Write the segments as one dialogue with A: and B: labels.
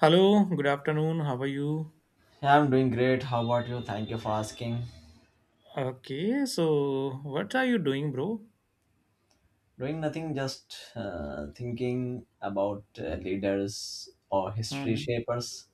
A: Hello, good afternoon. How are you?
B: Yeah, I'm doing great. How about you? Thank you for asking.
A: Okay, so what are you doing, bro?
B: Doing nothing, just thinking about leaders or history
A: Hmm.
B: shapers.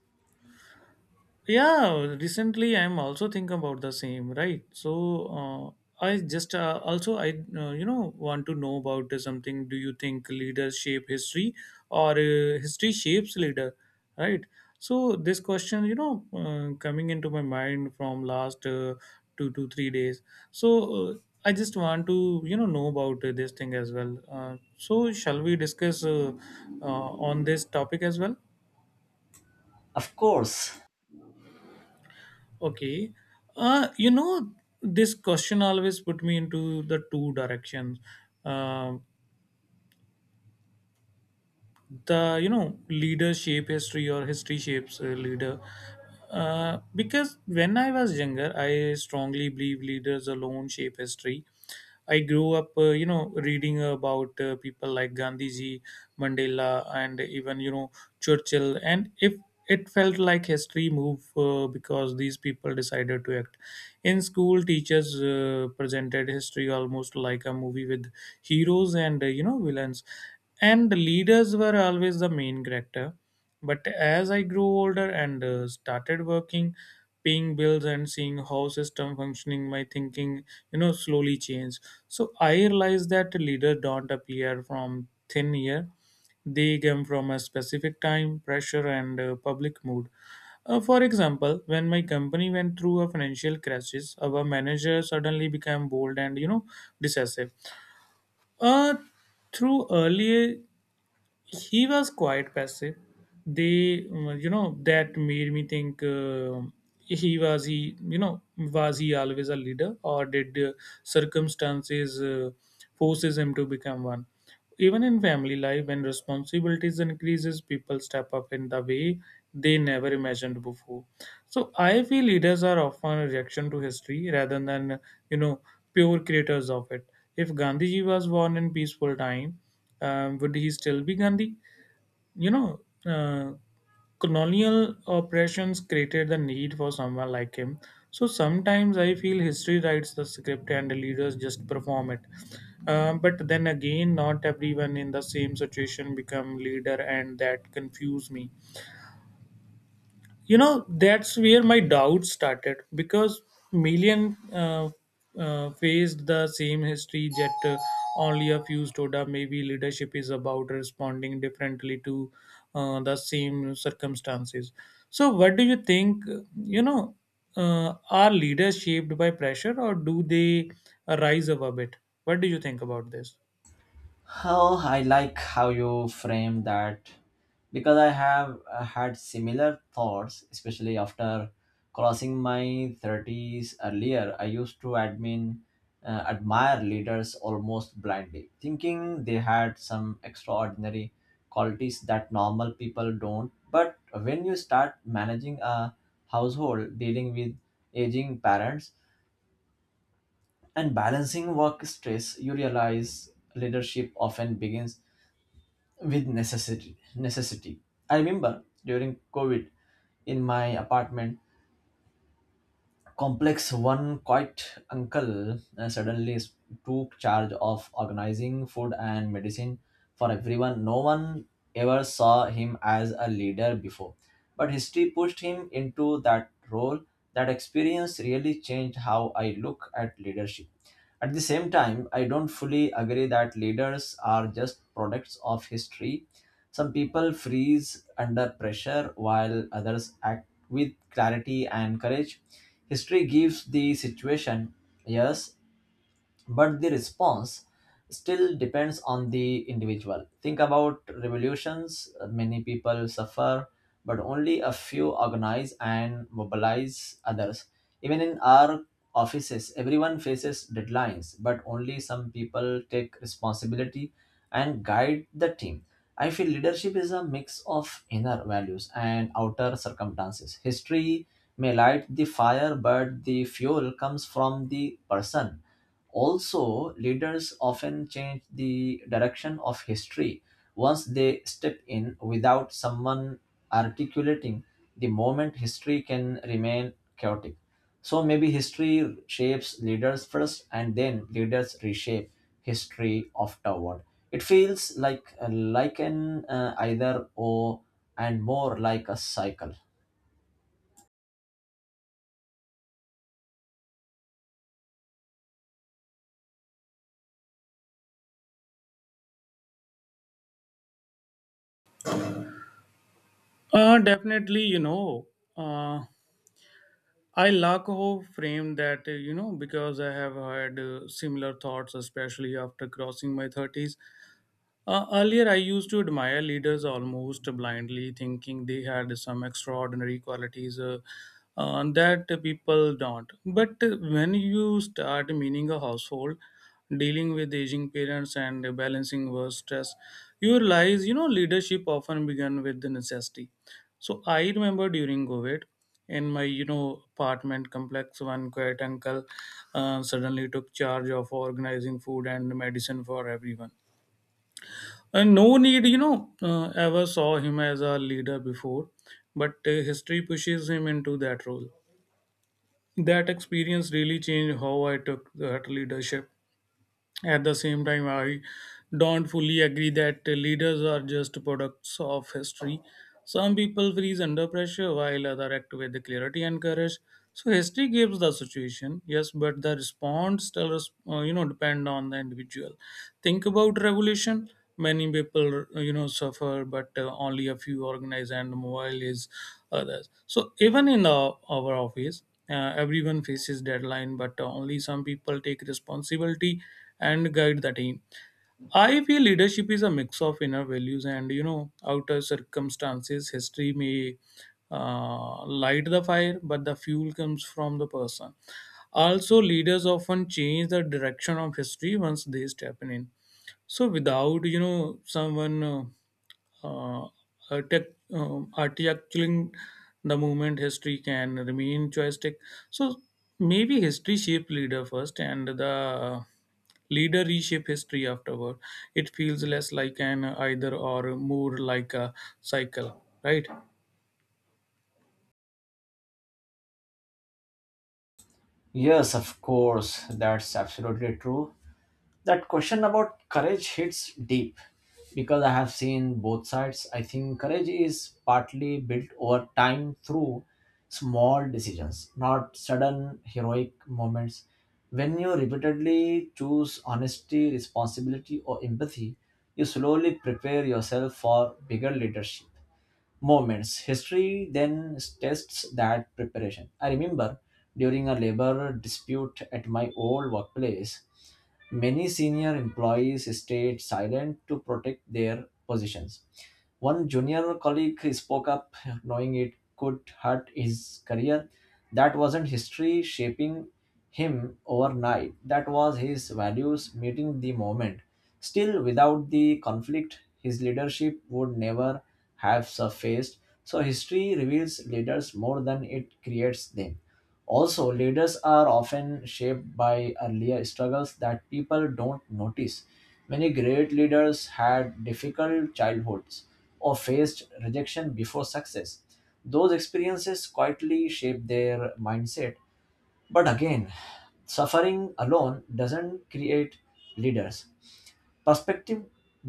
A: Yeah, recently I'm also thinking about the same, right? So I just also I want to know about something. Do you think leaders shape history, or history shapes leader, right? So this question coming into my mind from last 2 to 3 days. So uh, I just want to know about this thing as well. So shall we discuss on this topic as well?
B: Of course.
A: Okay. Uh, you know, this question always put me into the two directions. Uh, the leader shape history or history shapes a leader. Because when I was younger, I strongly believe leaders alone shape history. I grew up, reading about people like Gandhiji, Mandela, and even, Churchill. And if it felt like history moved because these people decided to act in school, teachers presented history almost like a movie with heroes and villains, and the leaders were always the main character. But as I grew older and started working, paying bills and seeing how system functioning, my thinking slowly changed. So I realized that leaders don't appear from thin air; they come from a specific time, pressure, and public mood. For example, when my company went through a financial crisis, our manager suddenly became bold and decisive. Uh, Through earlier, he was quite passive. They, that made me think he was was he always a leader or did circumstances forces him to become one? Even in family life, when responsibilities increases, people step up in the way they never imagined before. So I feel leaders are often a reaction to history rather than you know pure creators of it. If Gandhiji was born in peaceful time, would he still be Gandhi? You know, uh, colonial oppressions created the need for someone like him. So sometimes I feel history writes the script and the leaders just perform it. But then again, not everyone in the same situation become leader, and that confuse me. That's where my doubt started because million faced the same history, yet only a few stood up. Maybe leadership is about responding differently to the same circumstances. So what do you think, you know are leaders shaped by pressure or do they rise above it? What do you think about this?
B: Oh, I like how you frame that because I have had similar thoughts, especially after crossing my 30s. Earlier, I used to admire leaders almost blindly, thinking they had some extraordinary qualities that normal people don't. But when you start managing a household, dealing with aging parents, and balancing work stress, you realize leadership often begins with necessity. I remember during COVID, in my apartment complex, one quiet uncle suddenly took charge of organizing food and medicine for everyone. No one ever saw him as a leader before, but history pushed him into that role. That experience really changed how I look at leadership. At the same time, I don't fully agree that leaders are just products of history. Some people freeze under pressure while others act with clarity and courage. History gives the situation, yes, but the response still depends on the individual. Think about revolutions. Many people suffer, but only a few organize and mobilize others. Even in our offices, everyone faces deadlines, but only some people take responsibility and guide the team. I feel leadership is a mix of inner values and outer circumstances. History may light the fire, but the fuel comes from the person. Also, leaders often change the direction of history once they step in. Without someone articulating the moment, history can remain chaotic. So maybe history shapes leaders first and then leaders reshape history afterward. It feels like an either or, and more like a cycle.
A: Definitely, uh, I lack a of frame that, because I have had similar thoughts, especially after crossing my 30s. Earlier, I used to admire leaders almost blindly, thinking they had some extraordinary qualities that people don't. But when you start meaning a household, dealing with aging parents and balancing work stress, you realize, leadership often began with the necessity. So I remember during COVID, in my apartment complex, one quiet uncle suddenly took charge of organizing food and medicine for everyone, and no need, ever saw him as a leader before, but history pushes him into that role. That experience really changed how I took that leadership. At the same time, I don't fully agree that leaders are just products of history. Some people freeze under pressure while others act with clarity and courage. So history gives the situation, yes, but the response still, depend on the individual. Think about revolution. Many people, suffer, but only a few organize and mobilize others. So even in our office, everyone faces deadline, but only some people take responsibility and guide the team. I feel leadership is a mix of inner values and outer circumstances. History may light the fire, but the fuel comes from the person. Also, leaders often change the direction of history once they step in. So, without someone. uh, articulating the movement history can remain joystick. So maybe history shape leader first and the leader reshape history afterward. It feels less like an either or more like a cycle, right?
B: Yes, of course, that's absolutely true. That question about courage hits deep because I have seen both sides. I think courage is partly built over time through small decisions, not sudden heroic moments. When you repeatedly choose honesty, responsibility, or empathy, you slowly prepare yourself for bigger leadership moments. History then tests that preparation. I remember during a labor dispute at my old workplace, many senior employees stayed silent to protect their positions. One junior colleague spoke up, knowing it could hurt his career. That wasn't history shaping him overnight, that was his values meeting the moment. Still, without the conflict, his leadership would never have surfaced. So, history reveals leaders more than it creates them. Also, leaders are often shaped by earlier struggles that people don't notice. Many great leaders had difficult childhoods or faced rejection before success. Those experiences quietly shape their mindset. But again, suffering alone doesn't create leaders. Perspective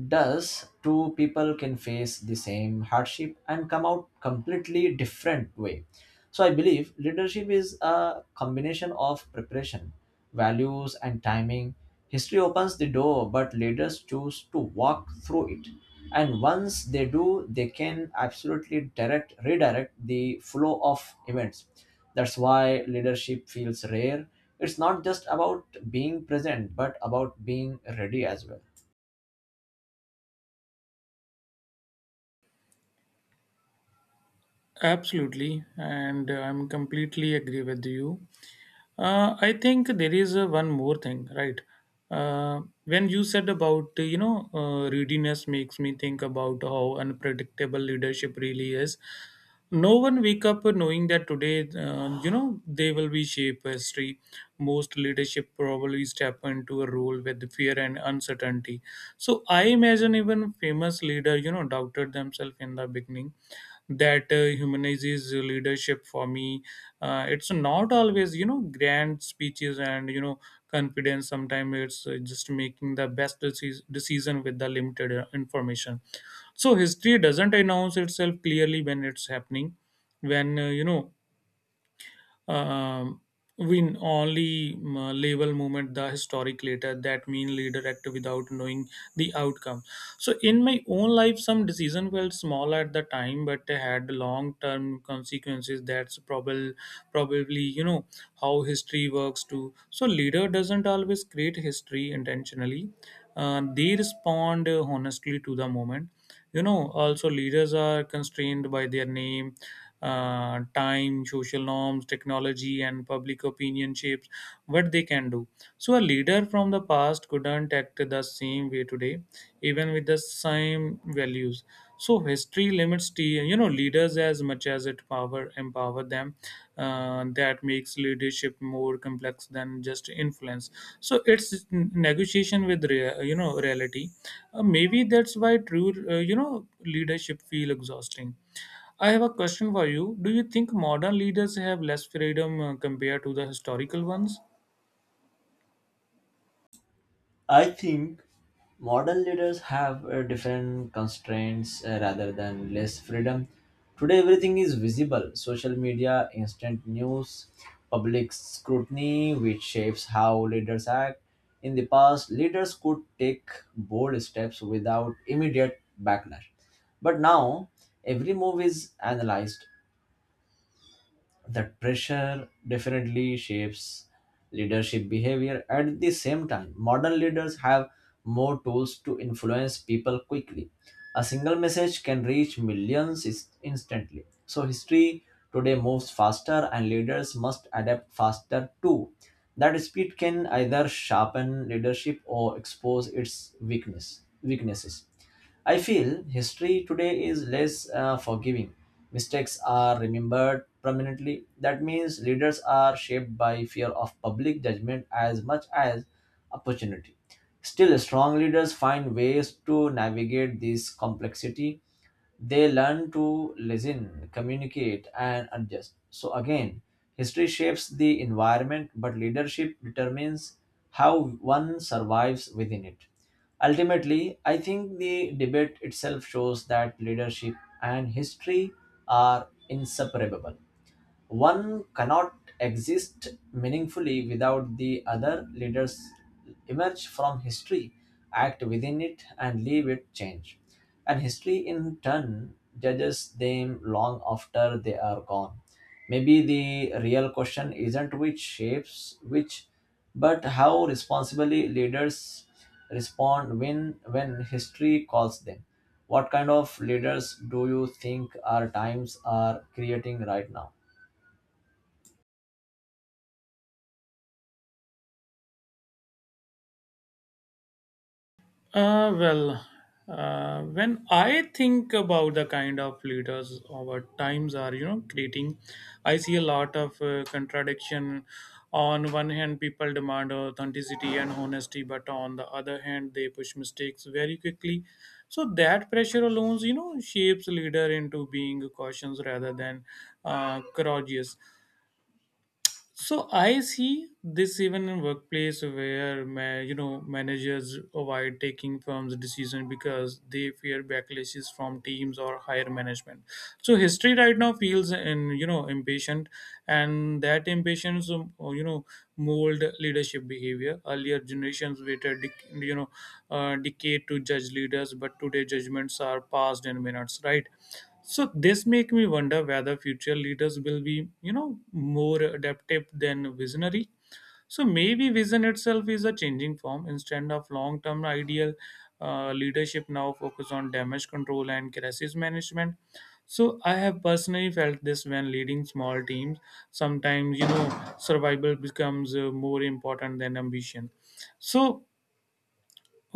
B: does. Two people can face the same hardship and come out completely different way. So I believe leadership is a combination of preparation, values and timing. History opens the door, but leaders choose to walk through it. And once they do, they can absolutely direct redirect the flow of events. That's why leadership feels rare. It's not just about being present, but about being ready as well.
A: Absolutely, and I'm completely agree with you. I think there is one more thing, right? When you said about readiness makes me think about how unpredictable leadership really is. No one wake up knowing that today, they will be shape history. Most leadership probably step into a role with fear and uncertainty. So I imagine even famous leader, doubted themselves in the beginning. That humanizes leadership for me. It's not always, grand speeches and, confidence. Sometimes it's just making the best decision with the limited information. So history doesn't announce itself clearly when it's happening. When, um, we only label movement the historic later. That mean leader act without knowing the outcome. So in my own life some decision felt small at the time, but they had long term consequences. That's probably how history works too. So leader doesn't always create history intentionally. They respond honestly to the moment. Also leaders are constrained by their name, time, social norms, technology, and public opinion shapes what they can do. So a leader from the past couldn't act the same way today, even with the same values. So history limits the leaders as much as it power empower them. That makes leadership more complex than just influence. So it's negotiation with reality. Maybe that's why true leadership feel exhausting. I have a question for you. Do you think modern leaders have less freedom compared to the historical ones?
B: I think modern leaders have different constraints rather than less freedom. Today, everything is visible: social media, instant news, public scrutiny, which shapes how leaders act. In the past, leaders could take bold steps without immediate backlash. But now, every move is analyzed. That pressure definitely shapes leadership behavior. At the same time, modern leaders have more tools to influence people quickly. A single message can reach millions instantly. So history today moves faster and leaders must adapt faster too. That speed can either sharpen leadership or expose its weaknesses. I feel history today is less forgiving. Mistakes are remembered permanently. That means leaders are shaped by fear of public judgment as much as opportunity. Still, strong leaders find ways to navigate this complexity. They learn to listen, communicate, and adjust. So, again, history shapes the environment, but leadership determines how one survives within it. Ultimately, I think the debate itself shows that leadership and history are inseparable. One cannot exist meaningfully without the other. Leaders emerge from history, act within it, and leave it change. And history, in turn, judges them long after they are gone. Maybe the real question isn't which shapes which, but how responsibly leaders respond when history calls them. What kind of leaders do you think our times are creating right now?
A: Well, when I think about the kind of leaders our times are, creating, I see a lot of contradiction. On one hand, people demand authenticity and honesty, but on the other hand, they push mistakes very quickly. So that pressure alone, shapes leader into being cautious rather than courageous. So I see this even in workplace where managers avoid taking firms' decision because they fear backlashes from teams or higher management. So history right now feels and impatient, and that impatience or, mold leadership behavior. Earlier generations waited decade to judge leaders, but today judgments are passed in minutes, right? So this make me wonder whether future leaders will be, more adaptive than visionary. So maybe vision itself is a changing form instead of long-term ideal. Leadership now focus on damage control and crisis management. So I have personally felt this when leading small teams. Sometimes survival becomes more important than ambition. So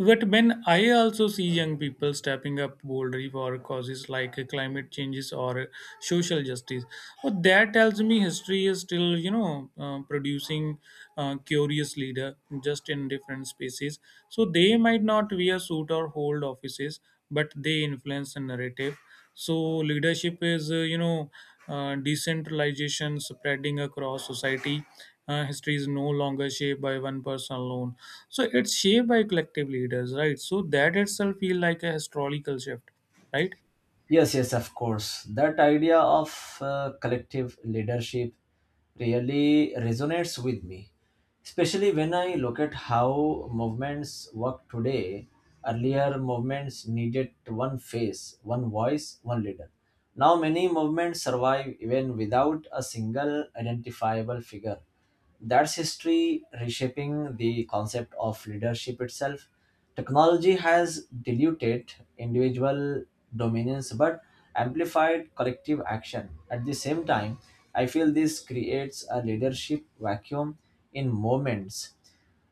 A: but when I also see young people stepping up boldly for causes like climate changes or social justice, well, that tells me history is still, producing curious leader, just in different spaces. So they might not wear suit or hold offices, but they influence the narrative. So leadership is, decentralization spreading across society. History is no longer shaped by one person alone. So it's shaped by collective leaders, right? So that itself feel like a historical shift, right?
B: Yes, yes, of course. That idea of collective leadership really resonates with me, especially when I look at how movements work today. Earlier, movements needed one face, one voice, one leader. Now, many movements survive even without a single identifiable figure. That's history reshaping the concept of leadership itself. Technology has diluted individual dominance but amplified collective action. At the same time, I feel this creates a leadership vacuum in moments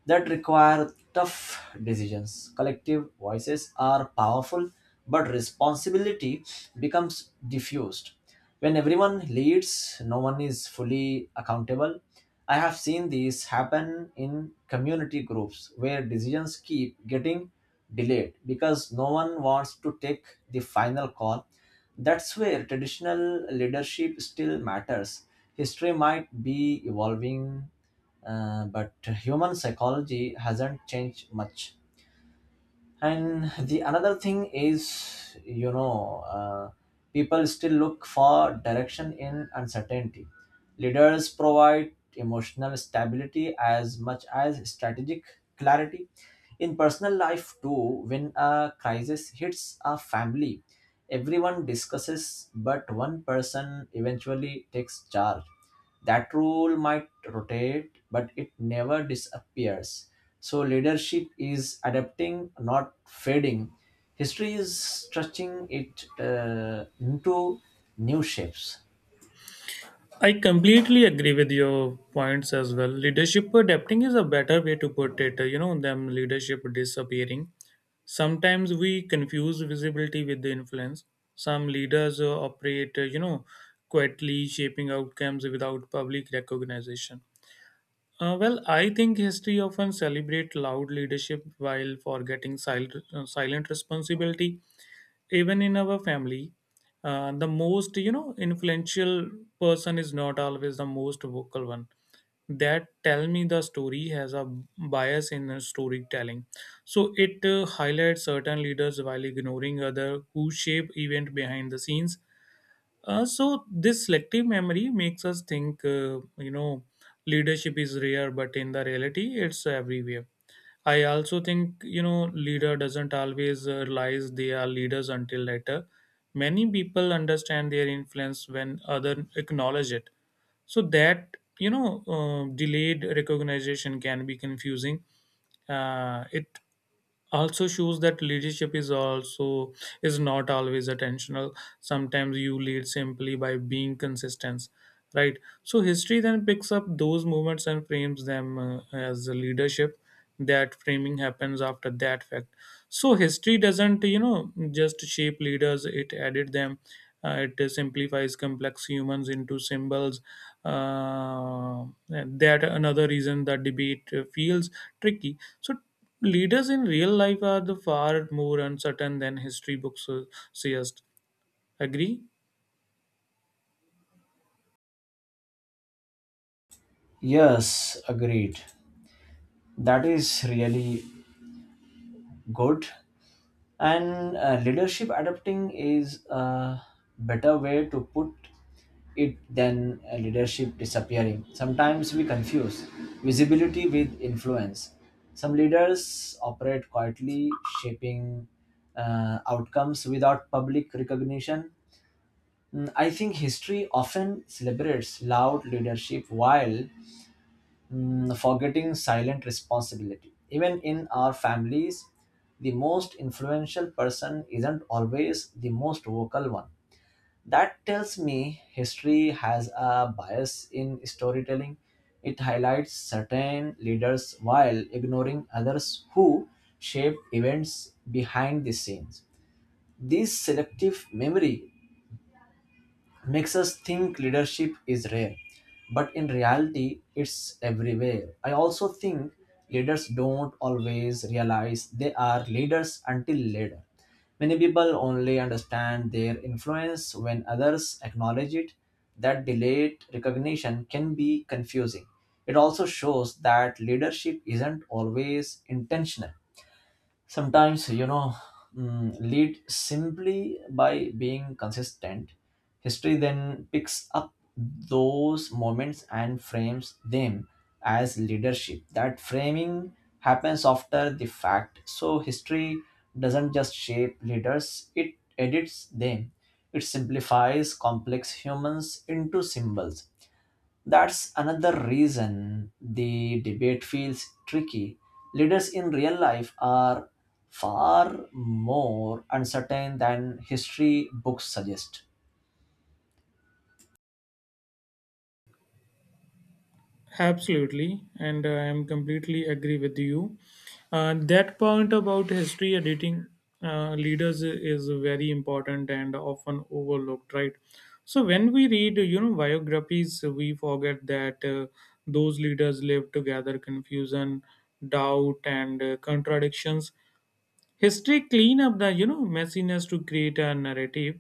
B: that require tough decisions. Collective voices are powerful, but responsibility becomes diffused. When everyone leads, no one is fully accountable. I have seen this happen in community groups where decisions keep getting delayed because no one wants to take the final call. That's where traditional leadership still matters. History might be evolving, but human psychology hasn't changed much. And the another thing is, you know, people still look for direction in uncertainty. Leaders provide emotional stability as much as strategic clarity. In personal life, too, when a crisis hits a family, everyone discusses, but one person eventually takes charge. That rule might rotate but it never disappears. So leadership is adapting, not fading. History is stretching it into new shapes.
A: I completely agree with your points as well. Leadership adapting is a better way to put it, than leadership disappearing. Sometimes we confuse visibility with the influence. Some leaders operate, quietly shaping outcomes without public recognition. Well, I think history often celebrate loud leadership while forgetting silent responsibility. Even in our family the most influential person is not always the most vocal one. That tell me the story has a bias in the storytelling. So it highlights certain leaders while ignoring other who shape event behind the scenes. So this selective memory makes us think, leadership is rare, but in the reality, it's everywhere. I also think, leader doesn't always realize they are leaders until later. Many people understand their influence when other acknowledge it. So that delayed recognition can be confusing. It also shows that leadership is not always attentional. Sometimes you lead simply by being consistent, right? So history then picks up those movements and frames them as a leadership. That framing happens after that fact. So history doesn't just shape leaders, it added them. It simplifies complex humans into symbols. That another reason that debate feels tricky. So leaders in real life are the far more uncertain than history books suggest. Agree?
B: Yes, agreed. That is really good. And leadership adapting is a better way to put it than leadership disappearing. Sometimes we confuse visibility with influence. Some leaders operate quietly, shaping outcomes without public recognition. I think history often celebrates loud leadership while forgetting silent responsibility. Even in our families, the most influential person isn't always the most vocal one. That tells me history has a bias in storytelling. It highlights certain leaders while ignoring others who shape events behind the scenes. This selective memory makes us think leadership is rare, but in reality, it's everywhere. I also think leaders don't always realize they are leaders until later. Many people only understand their influence when others acknowledge it. That delayed recognition can be confusing. It also shows that leadership isn't always intentional. Sometimes you know lead simply by being consistent. History then picks up those moments and frames them as leadership. That framing happens after the fact. So history doesn't just shape leaders, it edits them. It simplifies complex humans into symbols. That's another reason the debate feels tricky. Leaders in real life are far more uncertain than history books suggest.
A: Absolutely, and I am completely agree with you. That point about history editing leaders is very important and often overlooked, right? So when we read, biographies, we forget that those leaders lived together confusion, doubt, and contradictions. History clean up the messiness to create a narrative,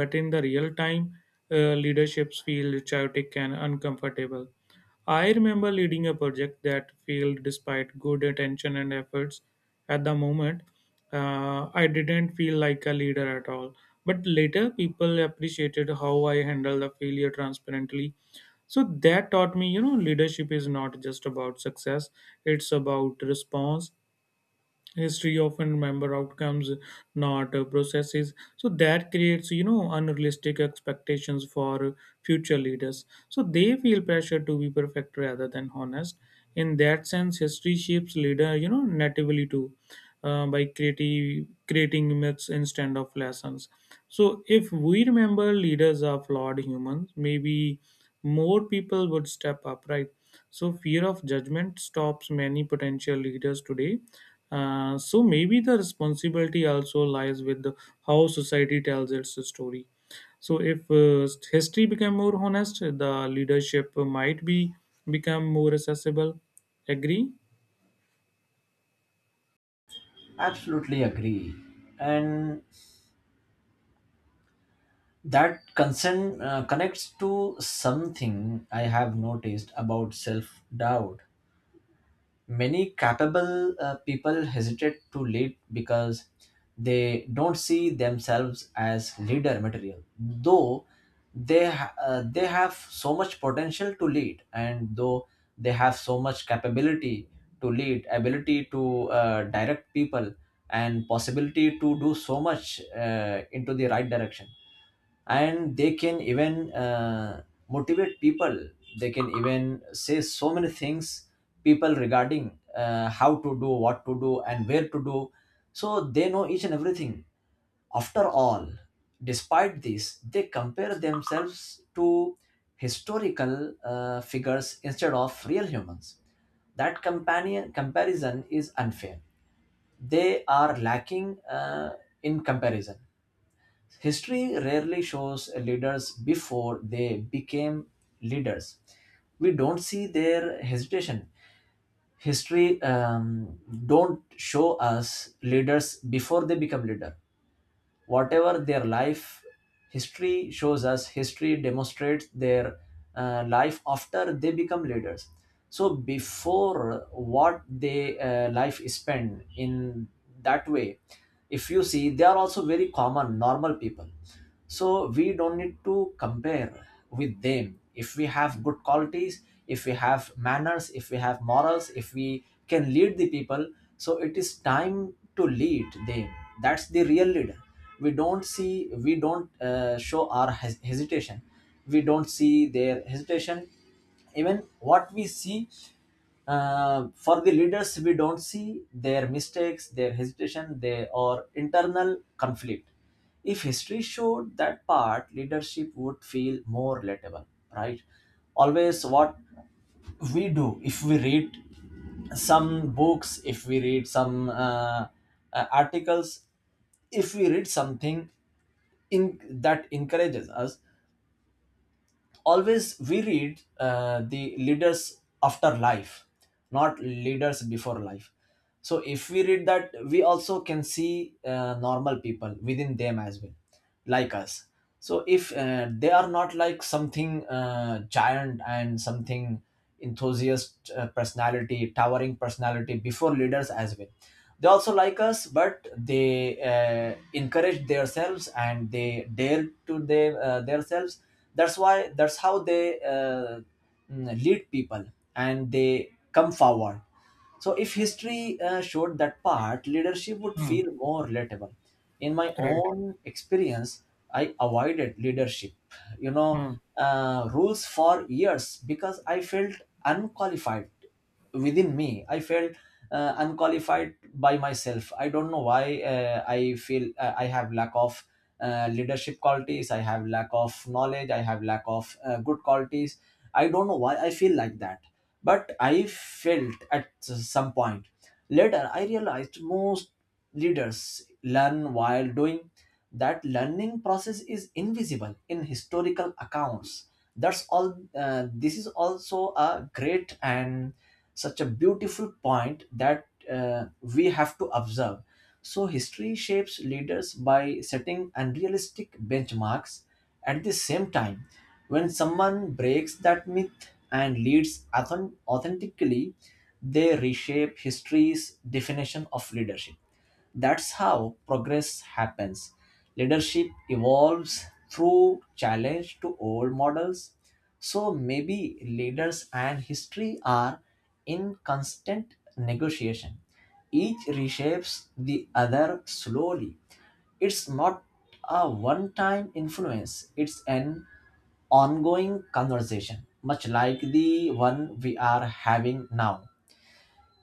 A: but in the real time leaderships feel chaotic and uncomfortable. I remember leading a project that failed despite good attention and efforts. At the moment I didn't feel like a leader at all, but later people appreciated how I handled the failure transparently. So that taught me leadership is not just about success, it's about response. History often remember outcomes, not processes. So that creates unrealistic expectations for future leaders, so they feel pressure to be perfect rather than honest. In that sense history shapes leader natively too, by creating myths instead of lessons. So if we remember leaders are flawed humans, maybe more people would step up, right? So fear of judgment stops many potential leaders today. So maybe the responsibility also lies with the, how society tells its story. So if history become more honest, the leadership might be become more accessible. Agree?
B: Absolutely agree. And that concern connects to something I have noticed about self doubt. Many capable people hesitate to lead because they don't see themselves as leader material, though they have so much potential to lead, and though they have so much capability to lead, ability to direct people, and possibility to do so much into the right direction. And they can even motivate people. They can even say so many things people regarding how to do, what to do and where to do. So they know each and everything, after all. Despite this, they compare themselves to historical figures instead of real humans. That companion comparison is unfair. They are lacking in comparison. History rarely shows leaders before they became leaders. We don't see their hesitation. History don't show us leaders before they become leader. Whatever their life, history shows us. History demonstrates their life after they become leaders. So before, what they life is spent in that way, if you see, they are also very common, normal people. So we don't need to compare with them. If we have good qualities, if we have manners, if we have morals, if we can lead the people, so it is time to lead them. That's the real leader. We don't see, we don't show our hesitation. We don't see their hesitation. Even what we see for the leaders, we don't see their mistakes, their hesitation, their or internal conflict. If history showed that part, leadership would feel more relatable, right? Always, what we do, if we read some books, if we read some articles, if we read something in that encourages us, always we read the leaders after life, not leaders before life. So if we read that, we also can see normal people within them as well, like us. So if they are not like something giant and something enthusiast personality, towering personality before leaders as well. They also like us, but they encourage themselves and they dare to their themselves. That's why, that's how they lead people and they come forward. So if history showed that part, leadership would
A: Hmm.
B: feel more relatable. In my
A: Right.
B: own experience, I avoided leadership, you know,
A: Hmm.
B: rules for years because I felt unqualified. Within me I felt unqualified by myself. I don't know why I feel I have lack of leadership qualities, I have lack of knowledge, I have lack of good qualities. I don't know why I feel like that. But I felt at some point. Later I realized most leaders learn while doing. That learning process is invisible in historical accounts. That's all. This is also a great and such a beautiful point that we have to observe. So history shapes leaders by setting unrealistic benchmarks. At the same time, when someone breaks that myth and leads authentically, they reshape history's definition of leadership. That's how progress happens. Leadership evolves through challenge to old models. So maybe leaders and history are in constant negotiation. Each reshapes the other slowly. It's not a one time influence, it's an ongoing conversation, much like the one we are having now.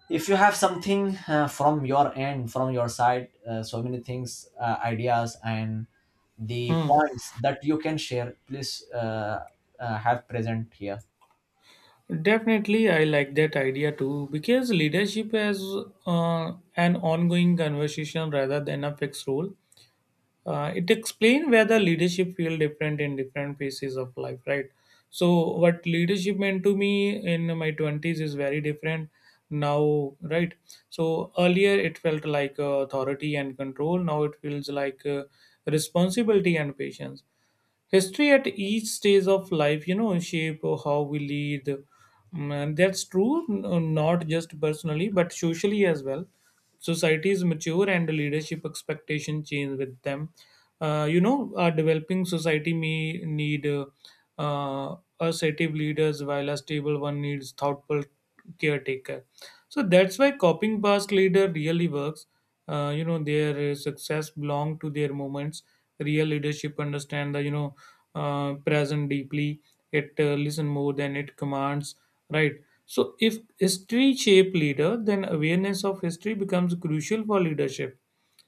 B: If you have something from your end, from your side, so many things, ideas and the
A: Hmm.
B: points that you can share, please have present here.
A: Definitely, I like that idea too because leadership has an ongoing conversation rather than a fixed role. It explains whether leadership feel different in different phases of life, right? So what leadership meant to me in my 20s is very different now, right? So earlier it felt like authority and control. Now it feels like responsibility and patience. History at each stage of life shape how we lead. And that's true not just personally but socially as well. Societies mature and leadership expectation change with them. A developing society may need assertive leaders while a stable one needs thoughtful caretaker. So that's why copying past leader really works. Their success belong to their moments. Real leadership understand the present deeply. It listen more than it commands. Right. So, if history shape leader, then awareness of history becomes crucial for leadership.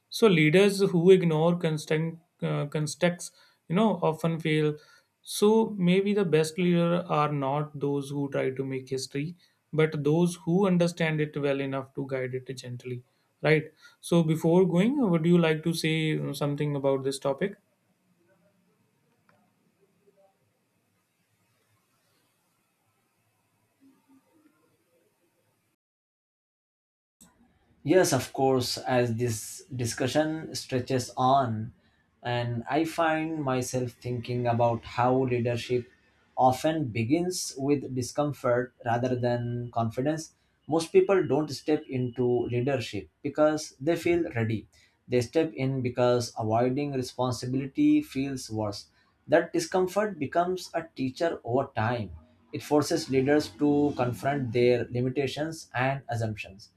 A: So, leaders who ignore constant context, often fail. So, maybe the best leader are not those who try to make history, but those who understand it well enough to guide it gently. Right. So, before going, would you like to say something about this topic?
B: Yes, of course. As this discussion stretches on, and I find myself thinking about how leadership often begins with discomfort rather than confidence. Most people don't step into leadership because they feel ready. They step in because avoiding responsibility feels worse. That discomfort becomes a teacher over time. It forces leaders to confront their limitations and assumptions.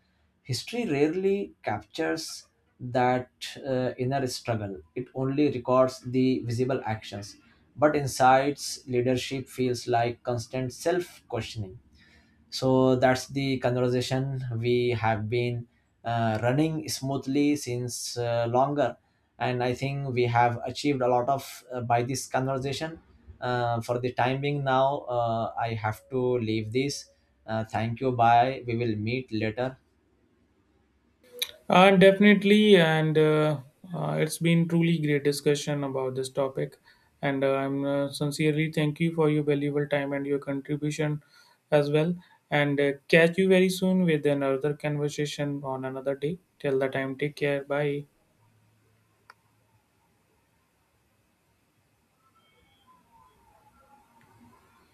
B: History rarely captures that inner struggle. It only records the visible actions, but insights leadership feels like constant self questioning. So that's the conversation we have been running smoothly since longer. And I think we have achieved a lot of by this conversation. For the time being now, I have to leave this. Thank you. Bye. We will meet later.
A: Definitely, and it's been truly great discussion about this topic, and I'm sincerely thank you for your valuable time and your contribution as well. And catch you very soon with another conversation on another day. Till the time, take care. Bye.